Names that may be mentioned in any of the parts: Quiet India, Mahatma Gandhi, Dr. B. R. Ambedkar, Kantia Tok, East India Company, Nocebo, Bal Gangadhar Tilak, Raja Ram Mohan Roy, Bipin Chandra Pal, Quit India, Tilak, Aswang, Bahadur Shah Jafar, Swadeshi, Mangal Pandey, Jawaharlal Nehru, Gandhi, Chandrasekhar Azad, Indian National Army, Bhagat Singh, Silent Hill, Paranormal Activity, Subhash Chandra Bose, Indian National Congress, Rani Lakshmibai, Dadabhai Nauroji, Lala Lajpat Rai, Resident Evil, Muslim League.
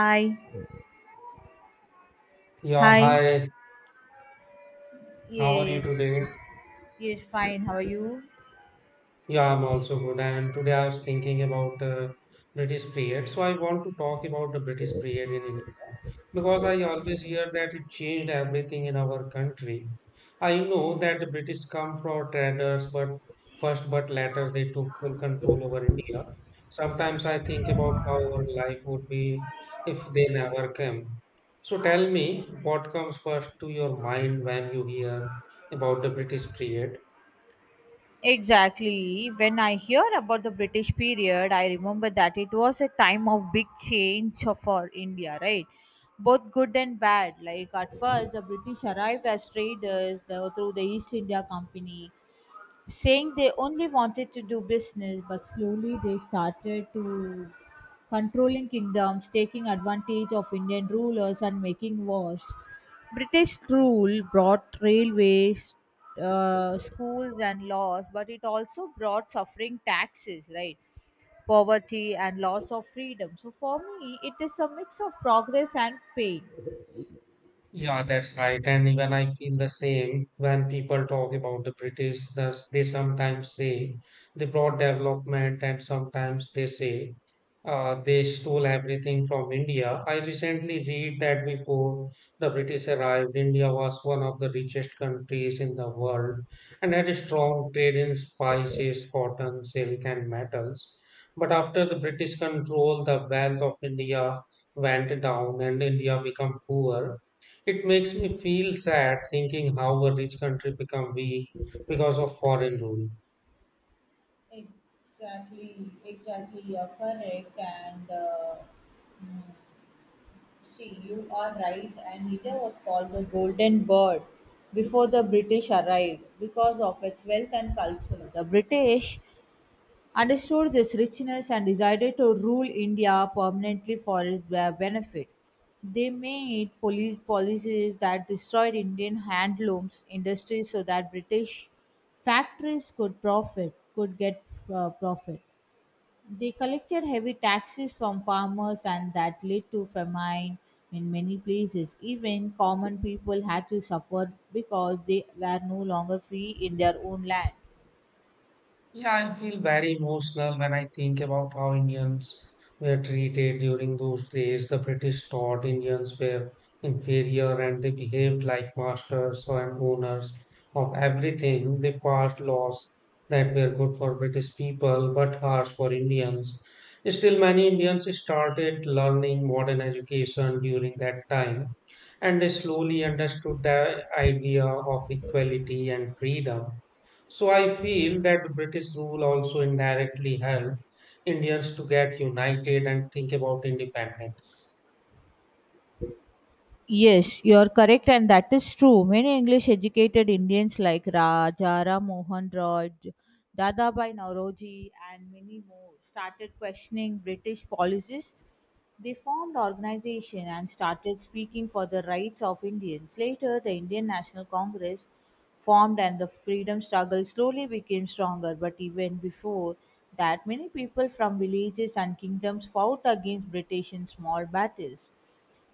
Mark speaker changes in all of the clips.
Speaker 1: Hi,
Speaker 2: Yeah,
Speaker 1: hi.
Speaker 2: hi. How are you
Speaker 1: Yes,
Speaker 2: today?
Speaker 1: yes, fine. How are you?
Speaker 2: Yeah, I'm also good. And today I was thinking about the British period. So I want to talk about the British period in India because I always hear that it changed everything in our country. I know that the British come for traders, but later they took full control over India. Sometimes I think about how our life would be if they never came. So tell me what comes first to your mind when you hear about the British period.
Speaker 1: Exactly. When I hear about the British period, I remember that it was a time of big change for India, right? Both good and bad. Like at first, the British arrived as traders through the East India Company, saying they only wanted to do business, but slowly they started to controlling kingdoms, taking advantage of Indian rulers and making wars. British rule brought railways, schools, and laws, but it also brought suffering taxes, right? Poverty and loss of freedom. So for me, it is a mix of progress and pain.
Speaker 2: Yeah, that's right. And even I feel the same when people talk about the British, thus they sometimes say they brought development, and sometimes they say they stole everything from India. I recently read that before the British arrived, India was one of the richest countries in the world and had a strong trade in spices, cotton, silk, and metals. But after the British control, the wealth of India went down and India became poor. It makes me feel sad thinking how a rich country become weak because of foreign rule.
Speaker 1: Exactly, exactly, you're correct. And see, you are right. Anita was called the Golden Bird before the British arrived because of its wealth and culture. The British understood this richness and decided to rule India permanently for its benefit. They made police policies that destroyed Indian handlooms industry so that British factories could profit, could get profit. They collected heavy taxes from farmers, and that led to famine in many places. Even common people had to suffer because they were no longer free in their own land.
Speaker 2: Yeah, I feel very emotional when I think about how Indians were treated during those days. The British thought Indians were inferior and they behaved like masters and owners of everything. They passed laws that were good for British people but harsh for Indians. Still, many Indians started learning modern education during that time and they slowly understood the idea of equality and freedom. So I feel that British rule also indirectly helped Indians to get united and think about independence.
Speaker 1: Yes, you are correct, and that is true. Many English educated Indians like Raja Ram Mohan Roy, Dadabhai Nauroji, and many more started questioning British policies. They formed organization and started speaking for the rights of Indians. Later, the Indian National Congress formed and the freedom struggle slowly became stronger. But even before that, many people from villages and kingdoms fought against British in small battles.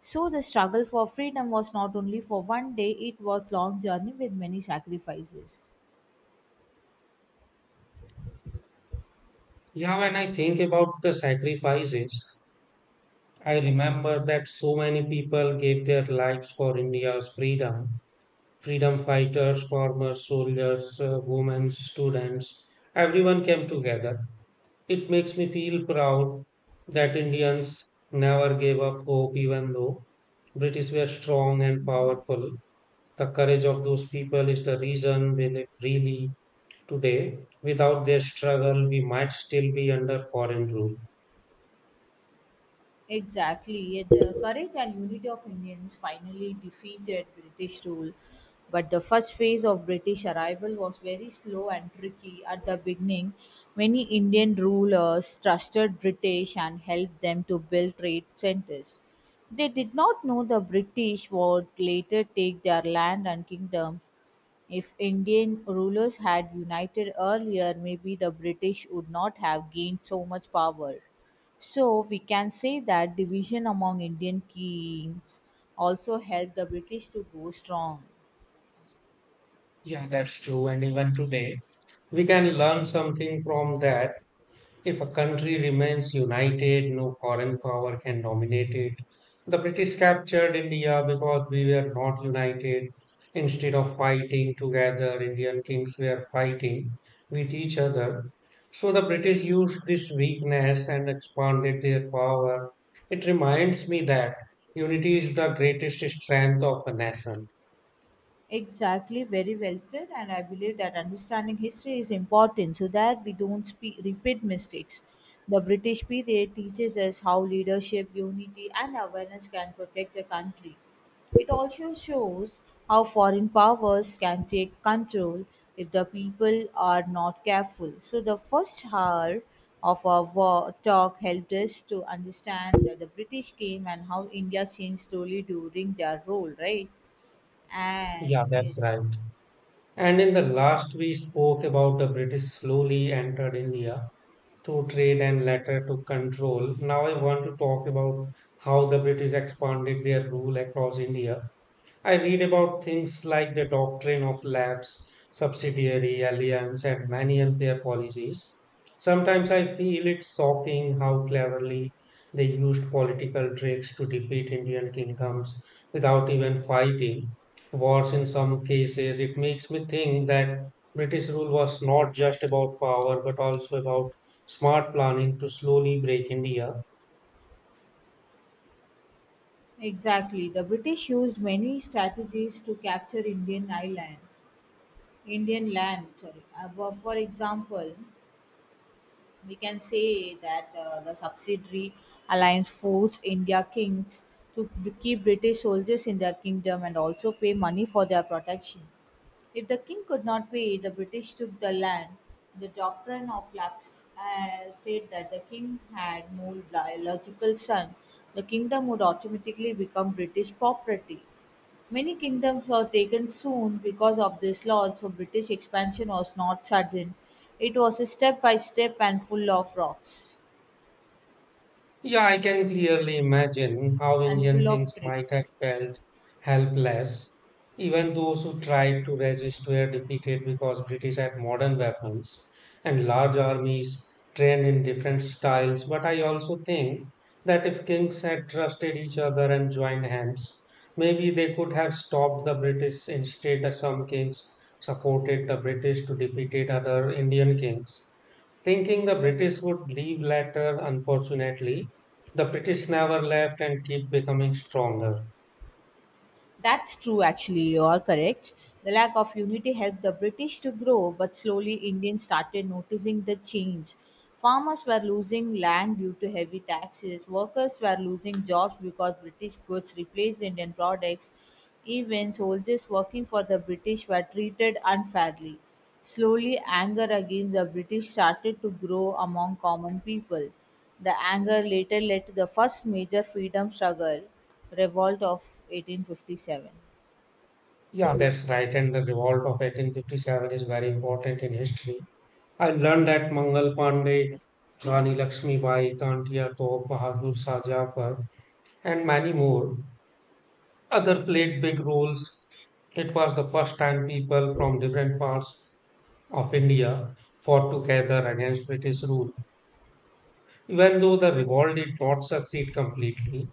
Speaker 1: So the struggle for freedom was not only for one day, it was long journey with many sacrifices.
Speaker 2: Yeah, when I think about the sacrifices, I remember that so many people gave their lives for India's freedom. Freedom fighters, former soldiers, women, students, everyone came together. It makes me feel proud that Indians never gave up hope, even though British were strong and powerful. The courage of those people is the reason we live freely today. Without their struggle, we might still be under foreign rule.
Speaker 1: Exactly. Yet the courage and unity of Indians finally defeated British rule. But the first phase of British arrival was very slow and tricky. At the beginning, many Indian rulers trusted British and helped them to build trade centers. They did not know the British would later take their land and kingdoms. If Indian rulers had united earlier, maybe the British would not have gained so much power. So we can say that division among Indian kings also helped the British to grow strong.
Speaker 2: Yeah, that's true. And even today, we can learn something from that. If a country remains united, no foreign power can dominate it. The British captured India because we were not united. Instead of fighting together, Indian kings were fighting with each other. So the British used this weakness and expanded their power. It reminds me that unity is the greatest strength of a nation.
Speaker 1: Exactly, very well said. And I believe that understanding history is important so that we don't repeat mistakes. The British period teaches us how leadership, unity, and awareness can protect a country. It also shows how foreign powers can take control if the people are not careful. So, the first hour of our war talk helped us to understand that the British came and how India changed slowly during their rule, right? And
Speaker 2: Yeah, that's
Speaker 1: yes,
Speaker 2: right. And in the last, we spoke about the British slowly entered India to trade and later to control. Now I want to talk about how the British expanded their rule across India. I read about things like the doctrine of lapse, subsidiary alliance, and many unfair policies. Sometimes I feel it's shocking how cleverly they used political tricks to defeat Indian kingdoms without even fighting. Wars in some cases, it makes me think that British rule was not just about power but also about smart planning to slowly break India.
Speaker 1: exactly. The British used many strategies to capture Indian island, Indian land. Sorry. For example, we can say that the subsidiary alliance forced India kings to keep British soldiers in their kingdom and also pay money for their protection. If the king could not pay, the British took the land. The doctrine of lapse said that the king had no biological son. The kingdom would automatically become British property. Many kingdoms were taken soon because of this law, so British expansion was not sudden. It was a step by step and full of rocks
Speaker 2: Yeah, I can clearly imagine how
Speaker 1: and
Speaker 2: Indian
Speaker 1: full of
Speaker 2: kings might have
Speaker 1: tricks.
Speaker 2: felt helpless. Even those who tried to resist were defeated because British had modern weapons and large armies trained in different styles. But I also think that if kings had trusted each other and joined hands, maybe they could have stopped the British. Instead, some kings supported the British to defeat other Indian kings, thinking the British would leave later. Unfortunately, the British never left and keep becoming stronger.
Speaker 1: That's true, actually, you are correct. The lack of unity helped the British to grow, but slowly Indians started noticing the change. Farmers were losing land due to heavy taxes, workers were losing jobs because British goods replaced Indian products, even soldiers working for the British were treated unfairly. Slowly, anger against the British started to grow among common people. The anger later led to the first major freedom struggle, Revolt of 1857.
Speaker 2: Yeah, that's right. And the revolt of 1857 is very important in history. I learned that Mangal Pandey, Rani Lakshmibai, Kantia Tok, Bahadur Shah Jafar, and many more other played big roles. It was the first time people from different parts of India fought together against British rule. Even though the revolt did not succeed completely,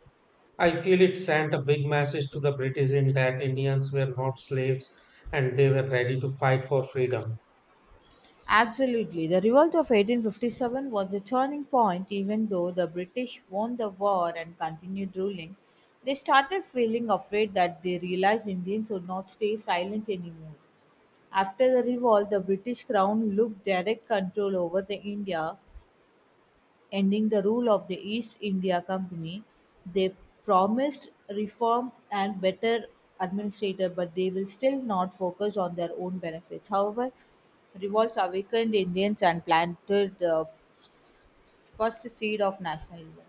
Speaker 2: I feel it sent a big message to the British in that Indians were not slaves and they were ready to fight for freedom.
Speaker 1: Absolutely. The revolt of 1857 was a turning point, even though the British won the war and continued ruling. They started feeling afraid that they realized Indians would not stay silent anymore. After the revolt, the British crown looked direct control over the India, ending the rule of the East India Company. They promised reform and better administrator, but they will still not focus on their own benefits. However, revolts awakened Indians and planted the first seed of nationalism.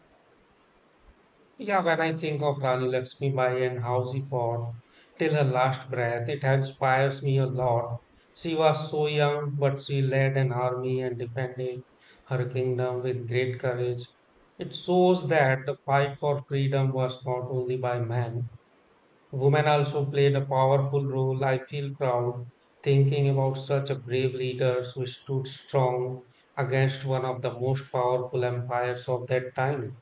Speaker 2: Yeah, when I think of Rani Lakshmi Bai and how she fought till her last breath, it inspires me a lot. She was so young, but she led an army and defended her kingdom with great courage. It shows that the fight for freedom was not only by men. Women also played a powerful role. I feel proud thinking about such a brave leaders who stood strong against one of the most powerful empires of that time.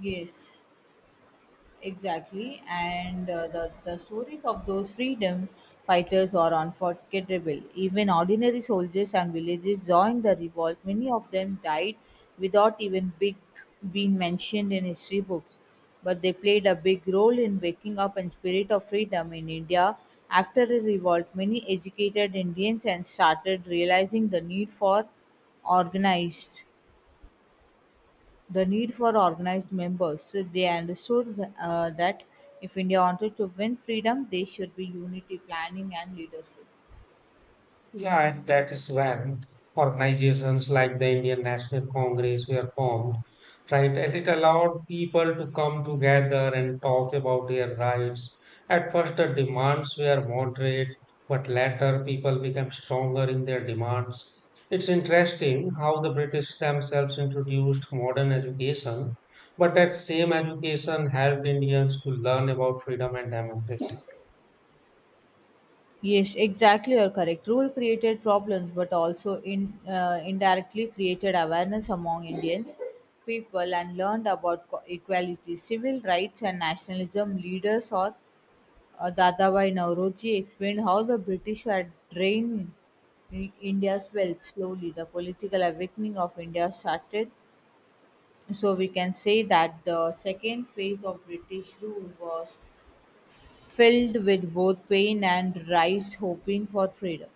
Speaker 1: Yes. Exactly, and the stories of those freedom fighters are unforgettable. Even ordinary soldiers and villagers joined the revolt. Many of them died without even big being mentioned in history books, but they played a big role in waking up and spirit of freedom in India. After the revolt, many educated Indians and started realizing the need for organized the need for organized members. So they understood that if India wanted to win freedom, they should be unity planning and leadership.
Speaker 2: Yeah, and that is when organizations like the Indian National Congress were formed, right? And it allowed people to come together and talk about their rights. At first, the demands were moderate, but later people became stronger in their demands. It's interesting how the British themselves introduced modern education, but that same education helped Indians to learn about freedom and democracy.
Speaker 1: Yes, exactly. You're correct. Rule created problems, but also in indirectly created awareness among Indians people and learned about equality, civil rights, and nationalism. Leaders or Dadabhai Nauroji explained how the British were draining India's wealth slowly. The political awakening of India started. So we can say that the second phase of British rule was filled with both pain and rise hoping for freedom.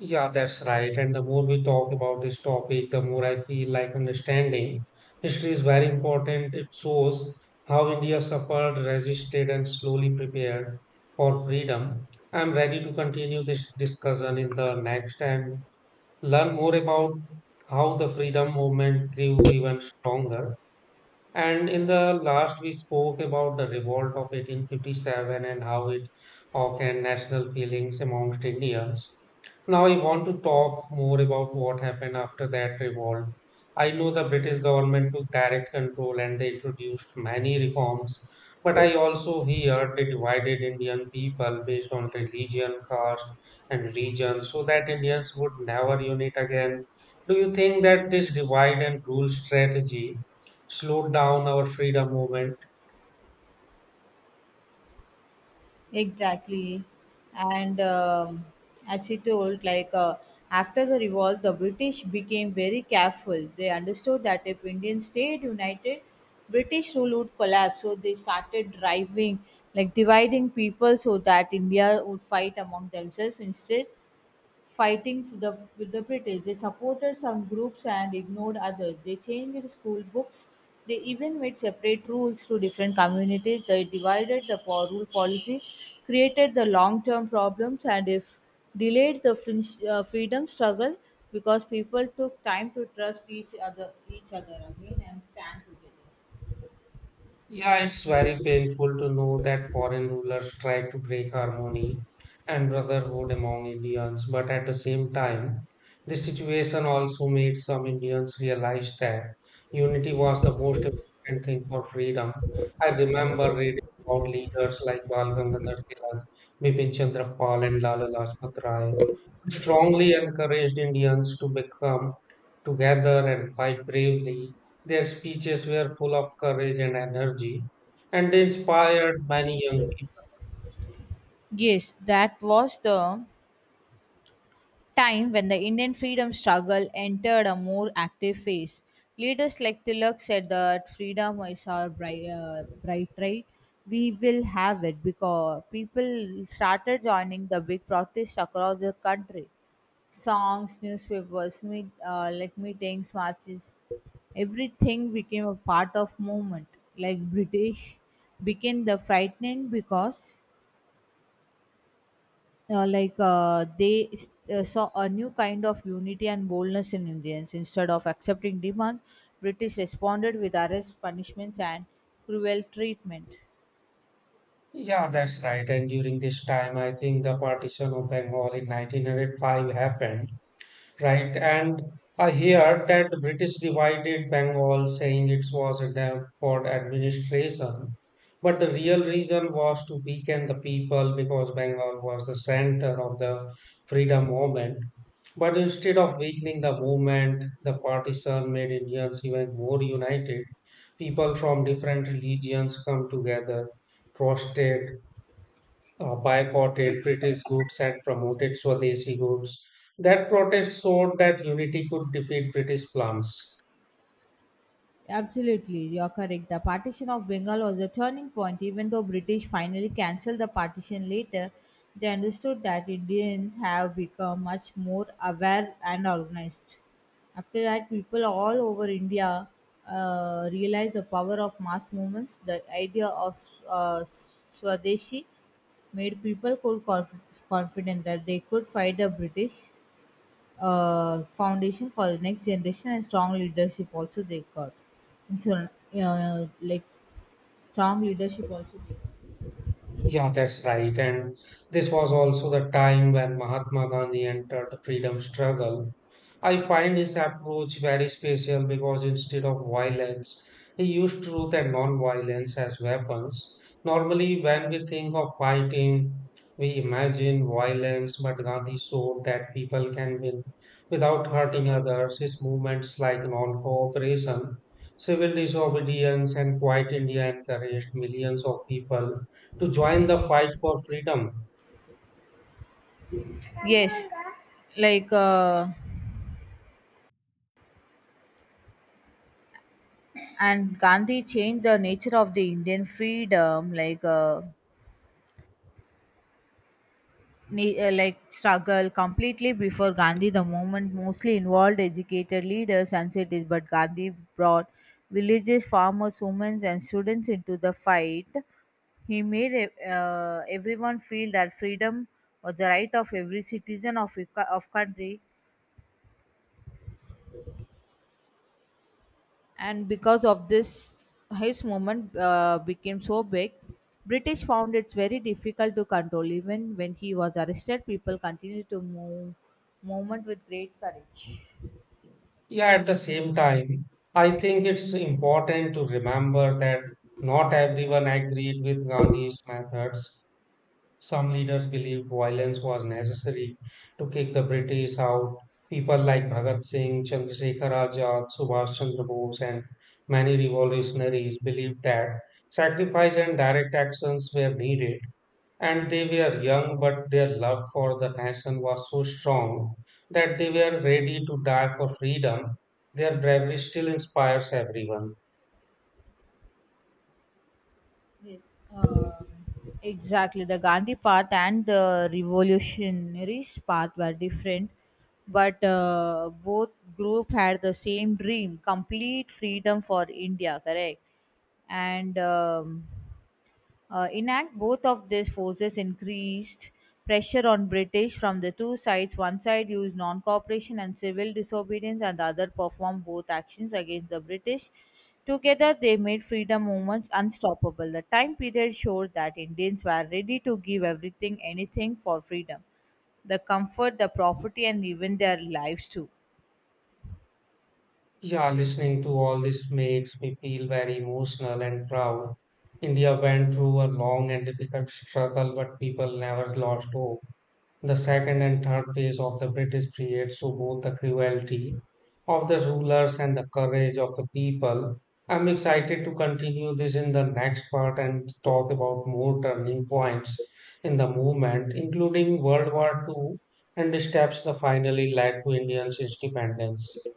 Speaker 2: Yeah, that's right. And the more we talk about this topic, the more I feel like understanding history is very important. It shows how India suffered, resisted, and slowly prepared for freedom. I'm ready to continue this discussion in the next and learn more about how the freedom movement grew even stronger. And in the last, we spoke about the revolt of 1857 and how it awakened national feelings amongst Indians. Now, I want to talk more about what happened after that revolt. I know the British government took direct control and they introduced many reforms, but I also hear they divided Indian people based on religion, caste, and region so that Indians would never unite again. Do you think that this divide and rule strategy slowed down our freedom movement?
Speaker 1: Exactly. And as he told, like after the revolt, the British became very careful. They understood that if Indians stayed united, British rule would collapse. So they started driving, like dividing people so that India would fight among themselves instead fighting for the, with the British. They supported some groups and ignored others. They changed school books. They even made separate rules to different communities. They divided the rule policy, created the long term problems, and if delayed the freedom struggle because people took time to trust each other again and stand together.
Speaker 2: Yeah, it's very painful to know that foreign rulers tried to break harmony and brotherhood among Indians, but at the same time, this situation also made some Indians realize that unity was the most important thing for freedom. I remember reading about leaders like Bal Gangadhar Tilak, Bipin Chandra Pal, and Lala Lajpat Rai, who strongly encouraged Indians to become together and fight bravely. Their speeches were full of courage and energy, and they inspired many young people.
Speaker 1: Yes, that was the time when the Indian freedom struggle entered a more active phase. Leaders like Tilak said that freedom is our bright right. We will have it because people started joining the big protests across the country. Songs, newspapers, like meetings, marches, everything became a part of movement. Like British became the frightening because they saw a new kind of unity and boldness in Indians. Instead of accepting demand, British responded with arrests, punishments, and cruel treatment.
Speaker 2: Yeah, that's right. And during this time, I think the partition of Bengal in 1905 happened, right? And I hear that the British divided Bengal, saying it was a dam for administration. But the real reason was to weaken the people because Bengal was the center of the freedom movement. But instead of weakening the movement, the partition made Indians even more united. People from different religions come together, protested, boycotted British goods and promoted Swadeshi goods. That protest showed that unity could defeat British plans.
Speaker 1: Absolutely, you're correct. The partition of Bengal was a turning point. Even though British finally cancelled the partition later, they understood that Indians have become much more aware and organized. After that, people all over India realized the power of mass movements. The idea of Swadeshi made people could confident that they could fight the British foundation for the next generation and strong leadership also they got. And so, like strong leadership also they got.
Speaker 2: Yeah, that's right. And this was also the time when Mahatma Gandhi entered the freedom struggle. I find his approach very special because instead of violence, he used truth and non-violence as weapons. Normally, when we think of fighting, we imagine violence, but Gandhi showed that people can win without hurting others. His movements like non-cooperation, civil disobedience, and Quiet India encouraged millions of people to join the fight for freedom.
Speaker 1: Yes, like and Gandhi changed the nature of the Indian freedom, like. Like struggle completely before Gandhi. The movement mostly involved educated leaders and cities, but Gandhi brought villages, farmers, women, and students into the fight. He made everyone feel that freedom was the right of every citizen of a of country, and because of this his movement became so big. British found it very difficult to control. Even when he was arrested, people continued to movement with great courage.
Speaker 2: Yeah, at the same time, I think it's important to remember that not everyone agreed with Gandhi's methods. Some leaders believed violence was necessary to kick the British out. People like Bhagat Singh, Chandrasekhar Azad, Subhash Chandra Bose, and many revolutionaries believed that sacrifice and direct actions were needed. And they were young, but their love for the nation was so strong that they were ready to die for freedom. Their bravery still inspires everyone.
Speaker 1: Yes. Um, exactly, the Gandhi path and the revolutionaries path were different, but both group had the same dream, complete freedom for India, correct? And in act, both of these forces increased pressure on British from the two sides. One side used non cooperation and civil disobedience, and the other performed both actions against the British. Together, they made freedom movements unstoppable. The time period showed that Indians were ready to give everything, anything for freedom, the comfort, the property, and even their lives too.
Speaker 2: Yeah, listening to all this makes me feel very emotional and proud. India went through a long and difficult struggle, but people never lost hope. The second and third phase of the British period show both the cruelty of the rulers and the courage of the people. I'm excited to continue this in the next part and talk about more turning points in the movement, including World War Two and the steps that finally led to Indians' independence.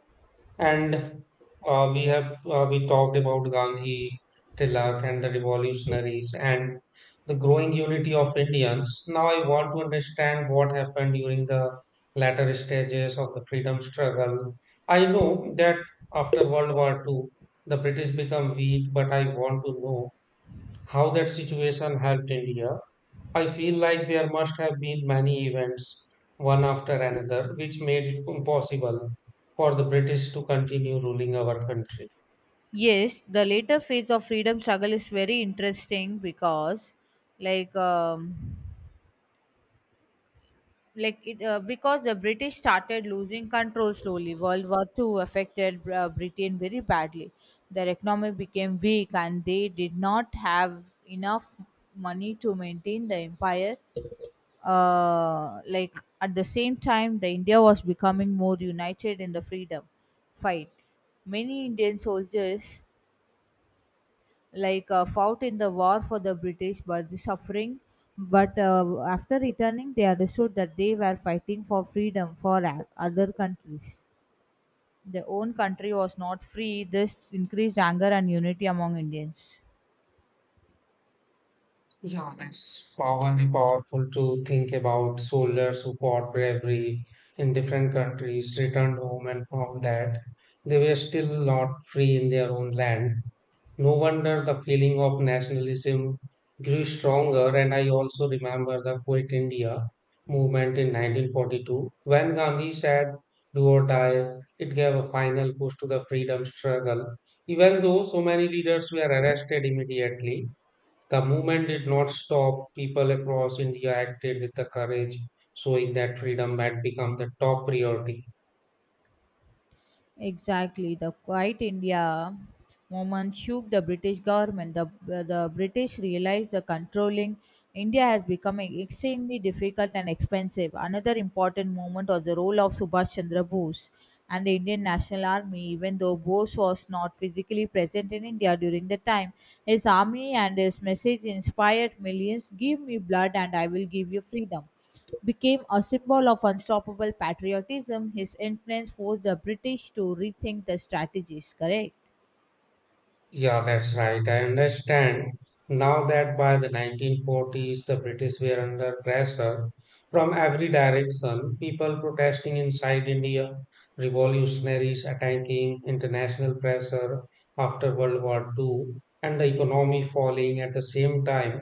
Speaker 2: And we talked about Gandhi, Tilak, and the revolutionaries and the growing unity of Indians. Now I want to understand what happened during the latter stages of the freedom struggle. I know that after World War Two, the British become weak, but I want to know how that situation helped India. I feel like there must have been many events, one after another, which made it impossible for the British to continue ruling our country.
Speaker 1: Yes, the later phase of freedom struggle is very interesting because, like, um, like it because the British started losing control slowly. World War Two affected Britain very badly. Their economy became weak and they did not have enough money to maintain the empire, like at the same time the India was becoming more united in the freedom fight. Many Indian soldiers, like fought in the war for the British, but the suffering. But after returning, they understood that they were fighting for freedom for other countries. Their own country was not free. This increased anger and unity among Indians.
Speaker 2: Yeah, that's powerful, powerful to think about soldiers who fought bravery in different countries, returned home and found that they were still not free in their own land. No wonder the feeling of nationalism grew stronger, and I also remember the Quit India movement in 1942. When Gandhi said, "Do or die," it gave a final push to the freedom struggle. Even though so many leaders were arrested immediately, the movement did not stop. People across India acted with the courage, showing that freedom had become the top priority.
Speaker 1: Exactly, the Quiet India movement shook the British government. The British realized the controlling India has become extremely difficult and expensive. Another important movement was the role of Subhash Chandra Bose and the Indian National Army. Even though Bose was not physically present in India during the time, his army and his message inspired millions. Give me blood and I will give you freedom became a symbol of unstoppable patriotism, his influence forced the British to rethink their strategies, correct?
Speaker 2: Yeah, that's right. I understand now that by the 1940s, the British were under pressure from every direction. People protesting inside India, revolutionaries attacking international pressure after World War II, and the economy falling at the same time.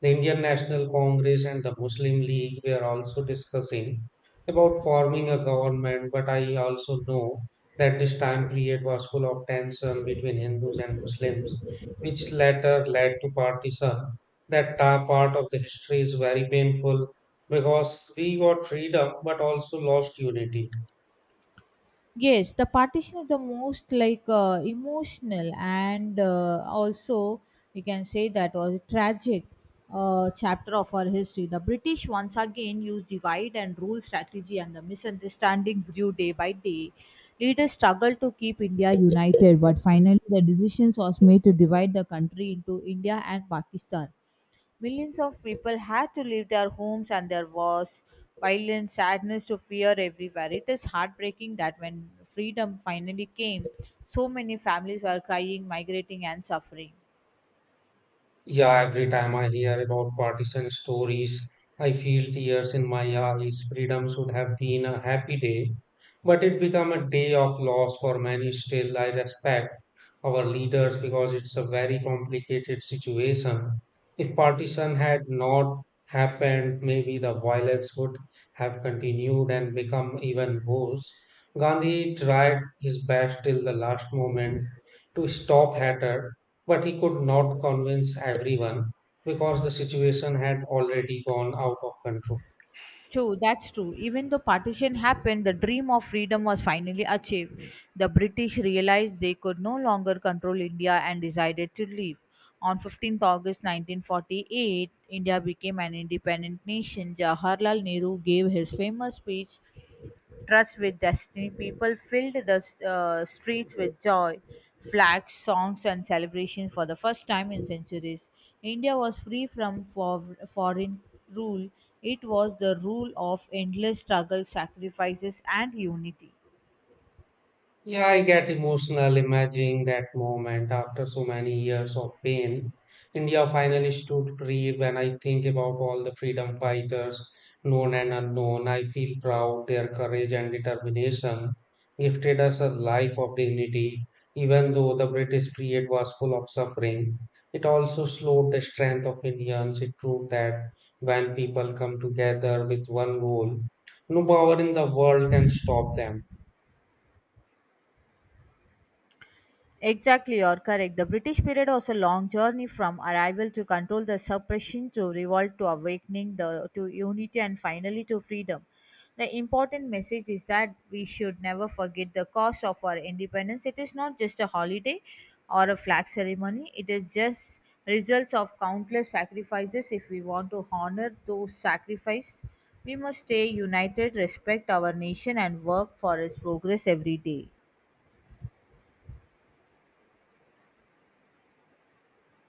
Speaker 2: The Indian National Congress and the Muslim League were also discussing about forming a government, but I also know that this time period was full of tension between Hindus and Muslims, which later led to partition. That part of the history is very painful because we got freedom but also lost unity.
Speaker 1: Yes, the partition is the most like emotional and also we can say that was a tragic chapter of our history. The British once again used divide and rule strategy, and the misunderstanding grew day by day. Leaders struggled to keep India united, but finally, the decision was made to divide the country into India and Pakistan. Millions of people had to leave their homes, and there was violence, sadness, to fear everywhere. It is heartbreaking that when freedom finally came, so many families were crying, migrating, and suffering.
Speaker 2: Yeah, every time I hear about partisan stories, I feel tears in my eyes. Freedom should have been a happy day, but it became a day of loss for many. Still, I respect our leaders because it's a very complicated situation. If partition had not happened, maybe the violence would have continued and become even worse. Gandhi tried his best till the last moment to stop hatred but he could not convince everyone because the situation had already gone out of control.
Speaker 1: True, that's true. Even though partition happened, the dream of freedom was finally achieved. The British realized they could no longer control India and decided to leave. On 15th August 1948, India became an independent nation. Jawaharlal Nehru gave his famous speech trust with destiny. People filled the streets with joy, flags, songs, and celebration for the first time in centuries. India was free from foreign rule. It was the rule of endless struggle, sacrifices, and unity.
Speaker 2: Yeah, I get emotional imagining that moment after so many years of pain. India finally stood free. When I think about all the freedom fighters, known and unknown, I feel proud. Their courage and determination gifted us a life of dignity. Even though the British period was full of suffering, it also slowed the strength of Indians. It proved that when people come together with one goal, no power in the world can stop them.
Speaker 1: Exactly, you're correct. The British period was a long journey from arrival to control, the suppression to revolt to awakening, the to unity and finally to freedom. The important message is that we should never forget the cost of our independence. It is not just a holiday or a flag ceremony. It is just results of countless sacrifices. If we want to honor those sacrifices, we must stay united, respect our nation, and work for its progress every day.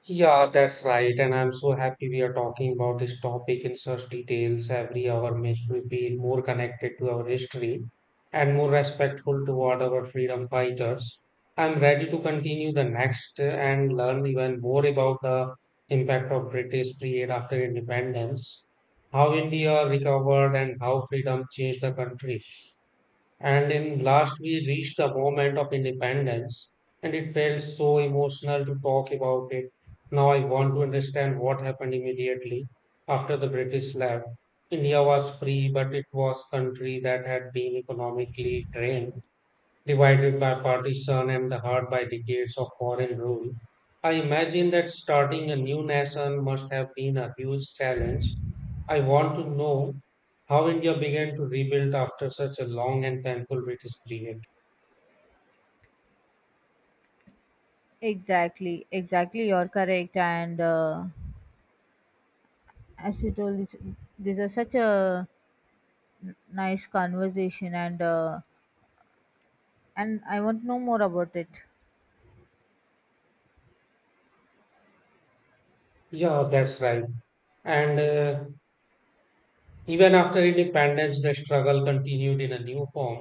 Speaker 2: Yeah, that's right. And I'm so happy we are talking about this topic in such details. Every hour makes me feel more connected to our history and more respectful toward our freedom fighters. I'm ready to continue the next and learn even more about the impact of British period after independence, how India recovered and how freedom changed the country. And in last, we reached the moment of independence, and it felt so emotional to talk about it. Now I want to understand what happened immediately after the British left. India was free, but it was country that had been economically drained divided by partition and the heart by decades of foreign rule. I imagine that starting a new nation must have been a huge challenge. I want to know how India began to rebuild after such a long and painful British period.
Speaker 1: Exactly. You're correct. And as you told, this these are such a nice conversation, and I want to know more about it.
Speaker 2: Yeah, that's right. And even after independence, the struggle continued in a new form.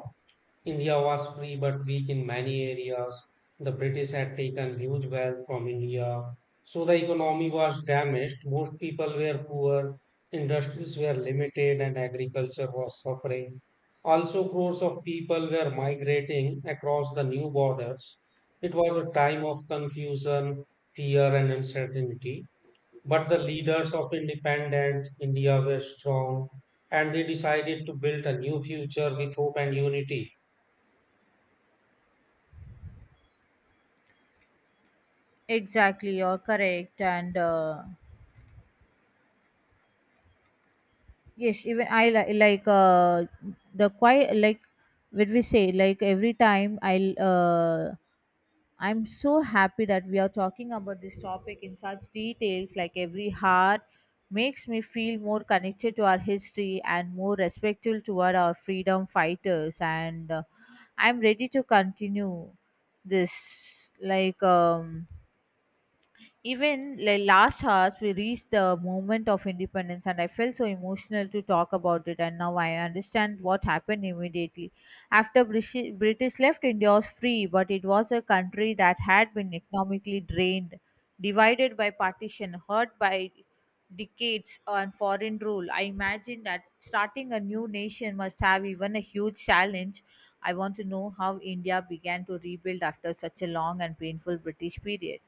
Speaker 2: India was free but weak in many areas. The British had taken huge wealth from India. So the economy was damaged. Most people were poor, industries were limited, and agriculture was suffering. Also, crores of people were migrating across the new borders. It was a time of confusion, fear, and uncertainty. But the leaders of independent India were strong and they decided to build a new future with hope and unity.
Speaker 1: Exactly, you're correct. And yes, even like the quiet, like what we say, like every time I'm so happy that we are talking about this topic in such details, like every heart makes me feel more connected to our history and more respectful toward our freedom fighters. And I'm ready to continue this. Even like last hours, we reached the moment of independence, and I felt so emotional to talk about it. And now I understand what happened immediately after British left. India was free, but it was a country that had been economically drained, divided by partition, hurt by decades on foreign rule. I imagine that starting a new nation must have even a huge challenge. I want to know how India began to rebuild after such a long and painful British period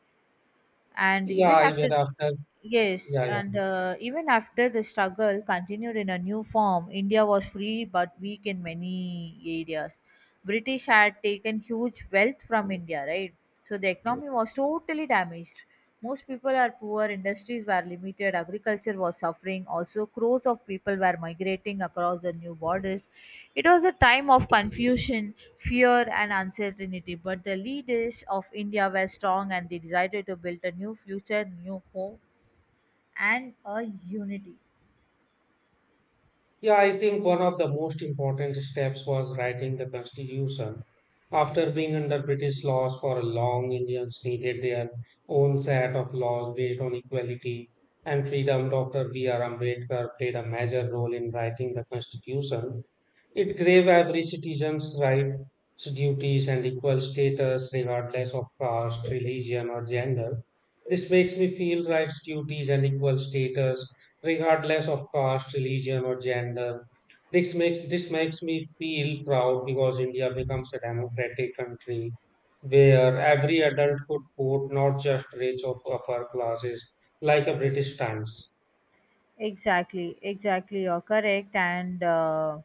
Speaker 1: and even
Speaker 2: Yeah,
Speaker 1: after.
Speaker 2: even after,
Speaker 1: Yes,
Speaker 2: yeah, yeah.
Speaker 1: and even after the struggle continued in a new form, India was free but weak in many areas. British had taken huge wealth from India, right? So the economy was totally damaged. Most people are poor, industries were limited, agriculture was suffering. Also, crores of people were migrating across the new borders. It was a time of confusion, fear, and uncertainty. But the leaders of India were strong and they decided to build a new future, new home and a unity.
Speaker 2: Yeah, I think one of the most important steps was writing the constitution. After being under British laws for a long, Indians needed their own set of laws based on equality and freedom. Dr. B.R. Ambedkar played a major role in writing the constitution. It gave every citizen's rights, duties, and equal status regardless of caste, religion, or gender. This makes me feel rights, duties, and equal status regardless of caste, religion, or gender. This makes me feel proud because India becomes a democratic country where every adult could vote, not just rich or upper classes, like a British times.
Speaker 1: Exactly. You're correct. And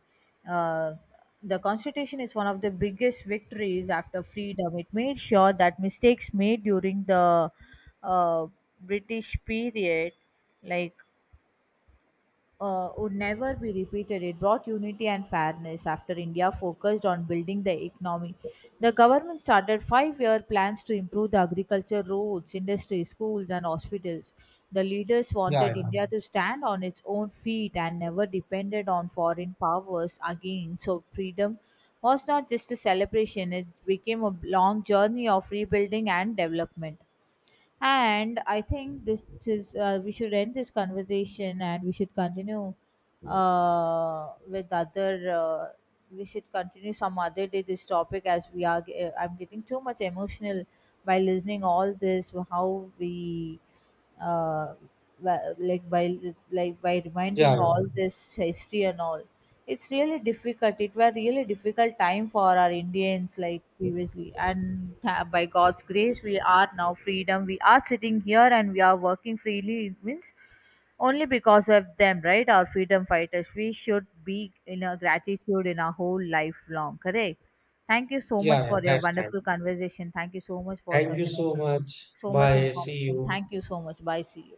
Speaker 1: uh, the Constitution is one of the biggest victories after freedom. It made sure that mistakes made during the uh, British period, like would never be repeated. It brought unity and fairness after India focused on building the economy. The government started 5-year plans to improve the agriculture, roads, industries, schools, and hospitals. The leaders
Speaker 2: Yeah,
Speaker 1: wanted
Speaker 2: yeah,
Speaker 1: India to stand on its own feet and never depended on foreign powers again. So, freedom was not just a celebration, it became a long journey of rebuilding and development. And I think this is we should end this conversation and we should continue with other. We should continue some other day this topic as we are. I'm getting too much emotional by listening all this. How we uh, Wha- like by
Speaker 2: yeah,
Speaker 1: reminding
Speaker 2: yeah,
Speaker 1: all this history and all, it's really difficult, it were really difficult time for our indians like previously and by god's grace we are now freedom, we are sitting here and we are working freely, it means only because of them, right? Our freedom fighters, we should be in a gratitude in our whole life long, correct? Thank you so
Speaker 2: yeah.
Speaker 1: much
Speaker 2: yeah,
Speaker 1: for your
Speaker 2: That's right.
Speaker 1: wonderful conversation, thank you so much for
Speaker 2: Thank
Speaker 1: such
Speaker 2: you
Speaker 1: an
Speaker 2: so much.
Speaker 1: so much
Speaker 2: Bye. See
Speaker 1: information,
Speaker 2: you.
Speaker 1: thank you so much. Bye, see you.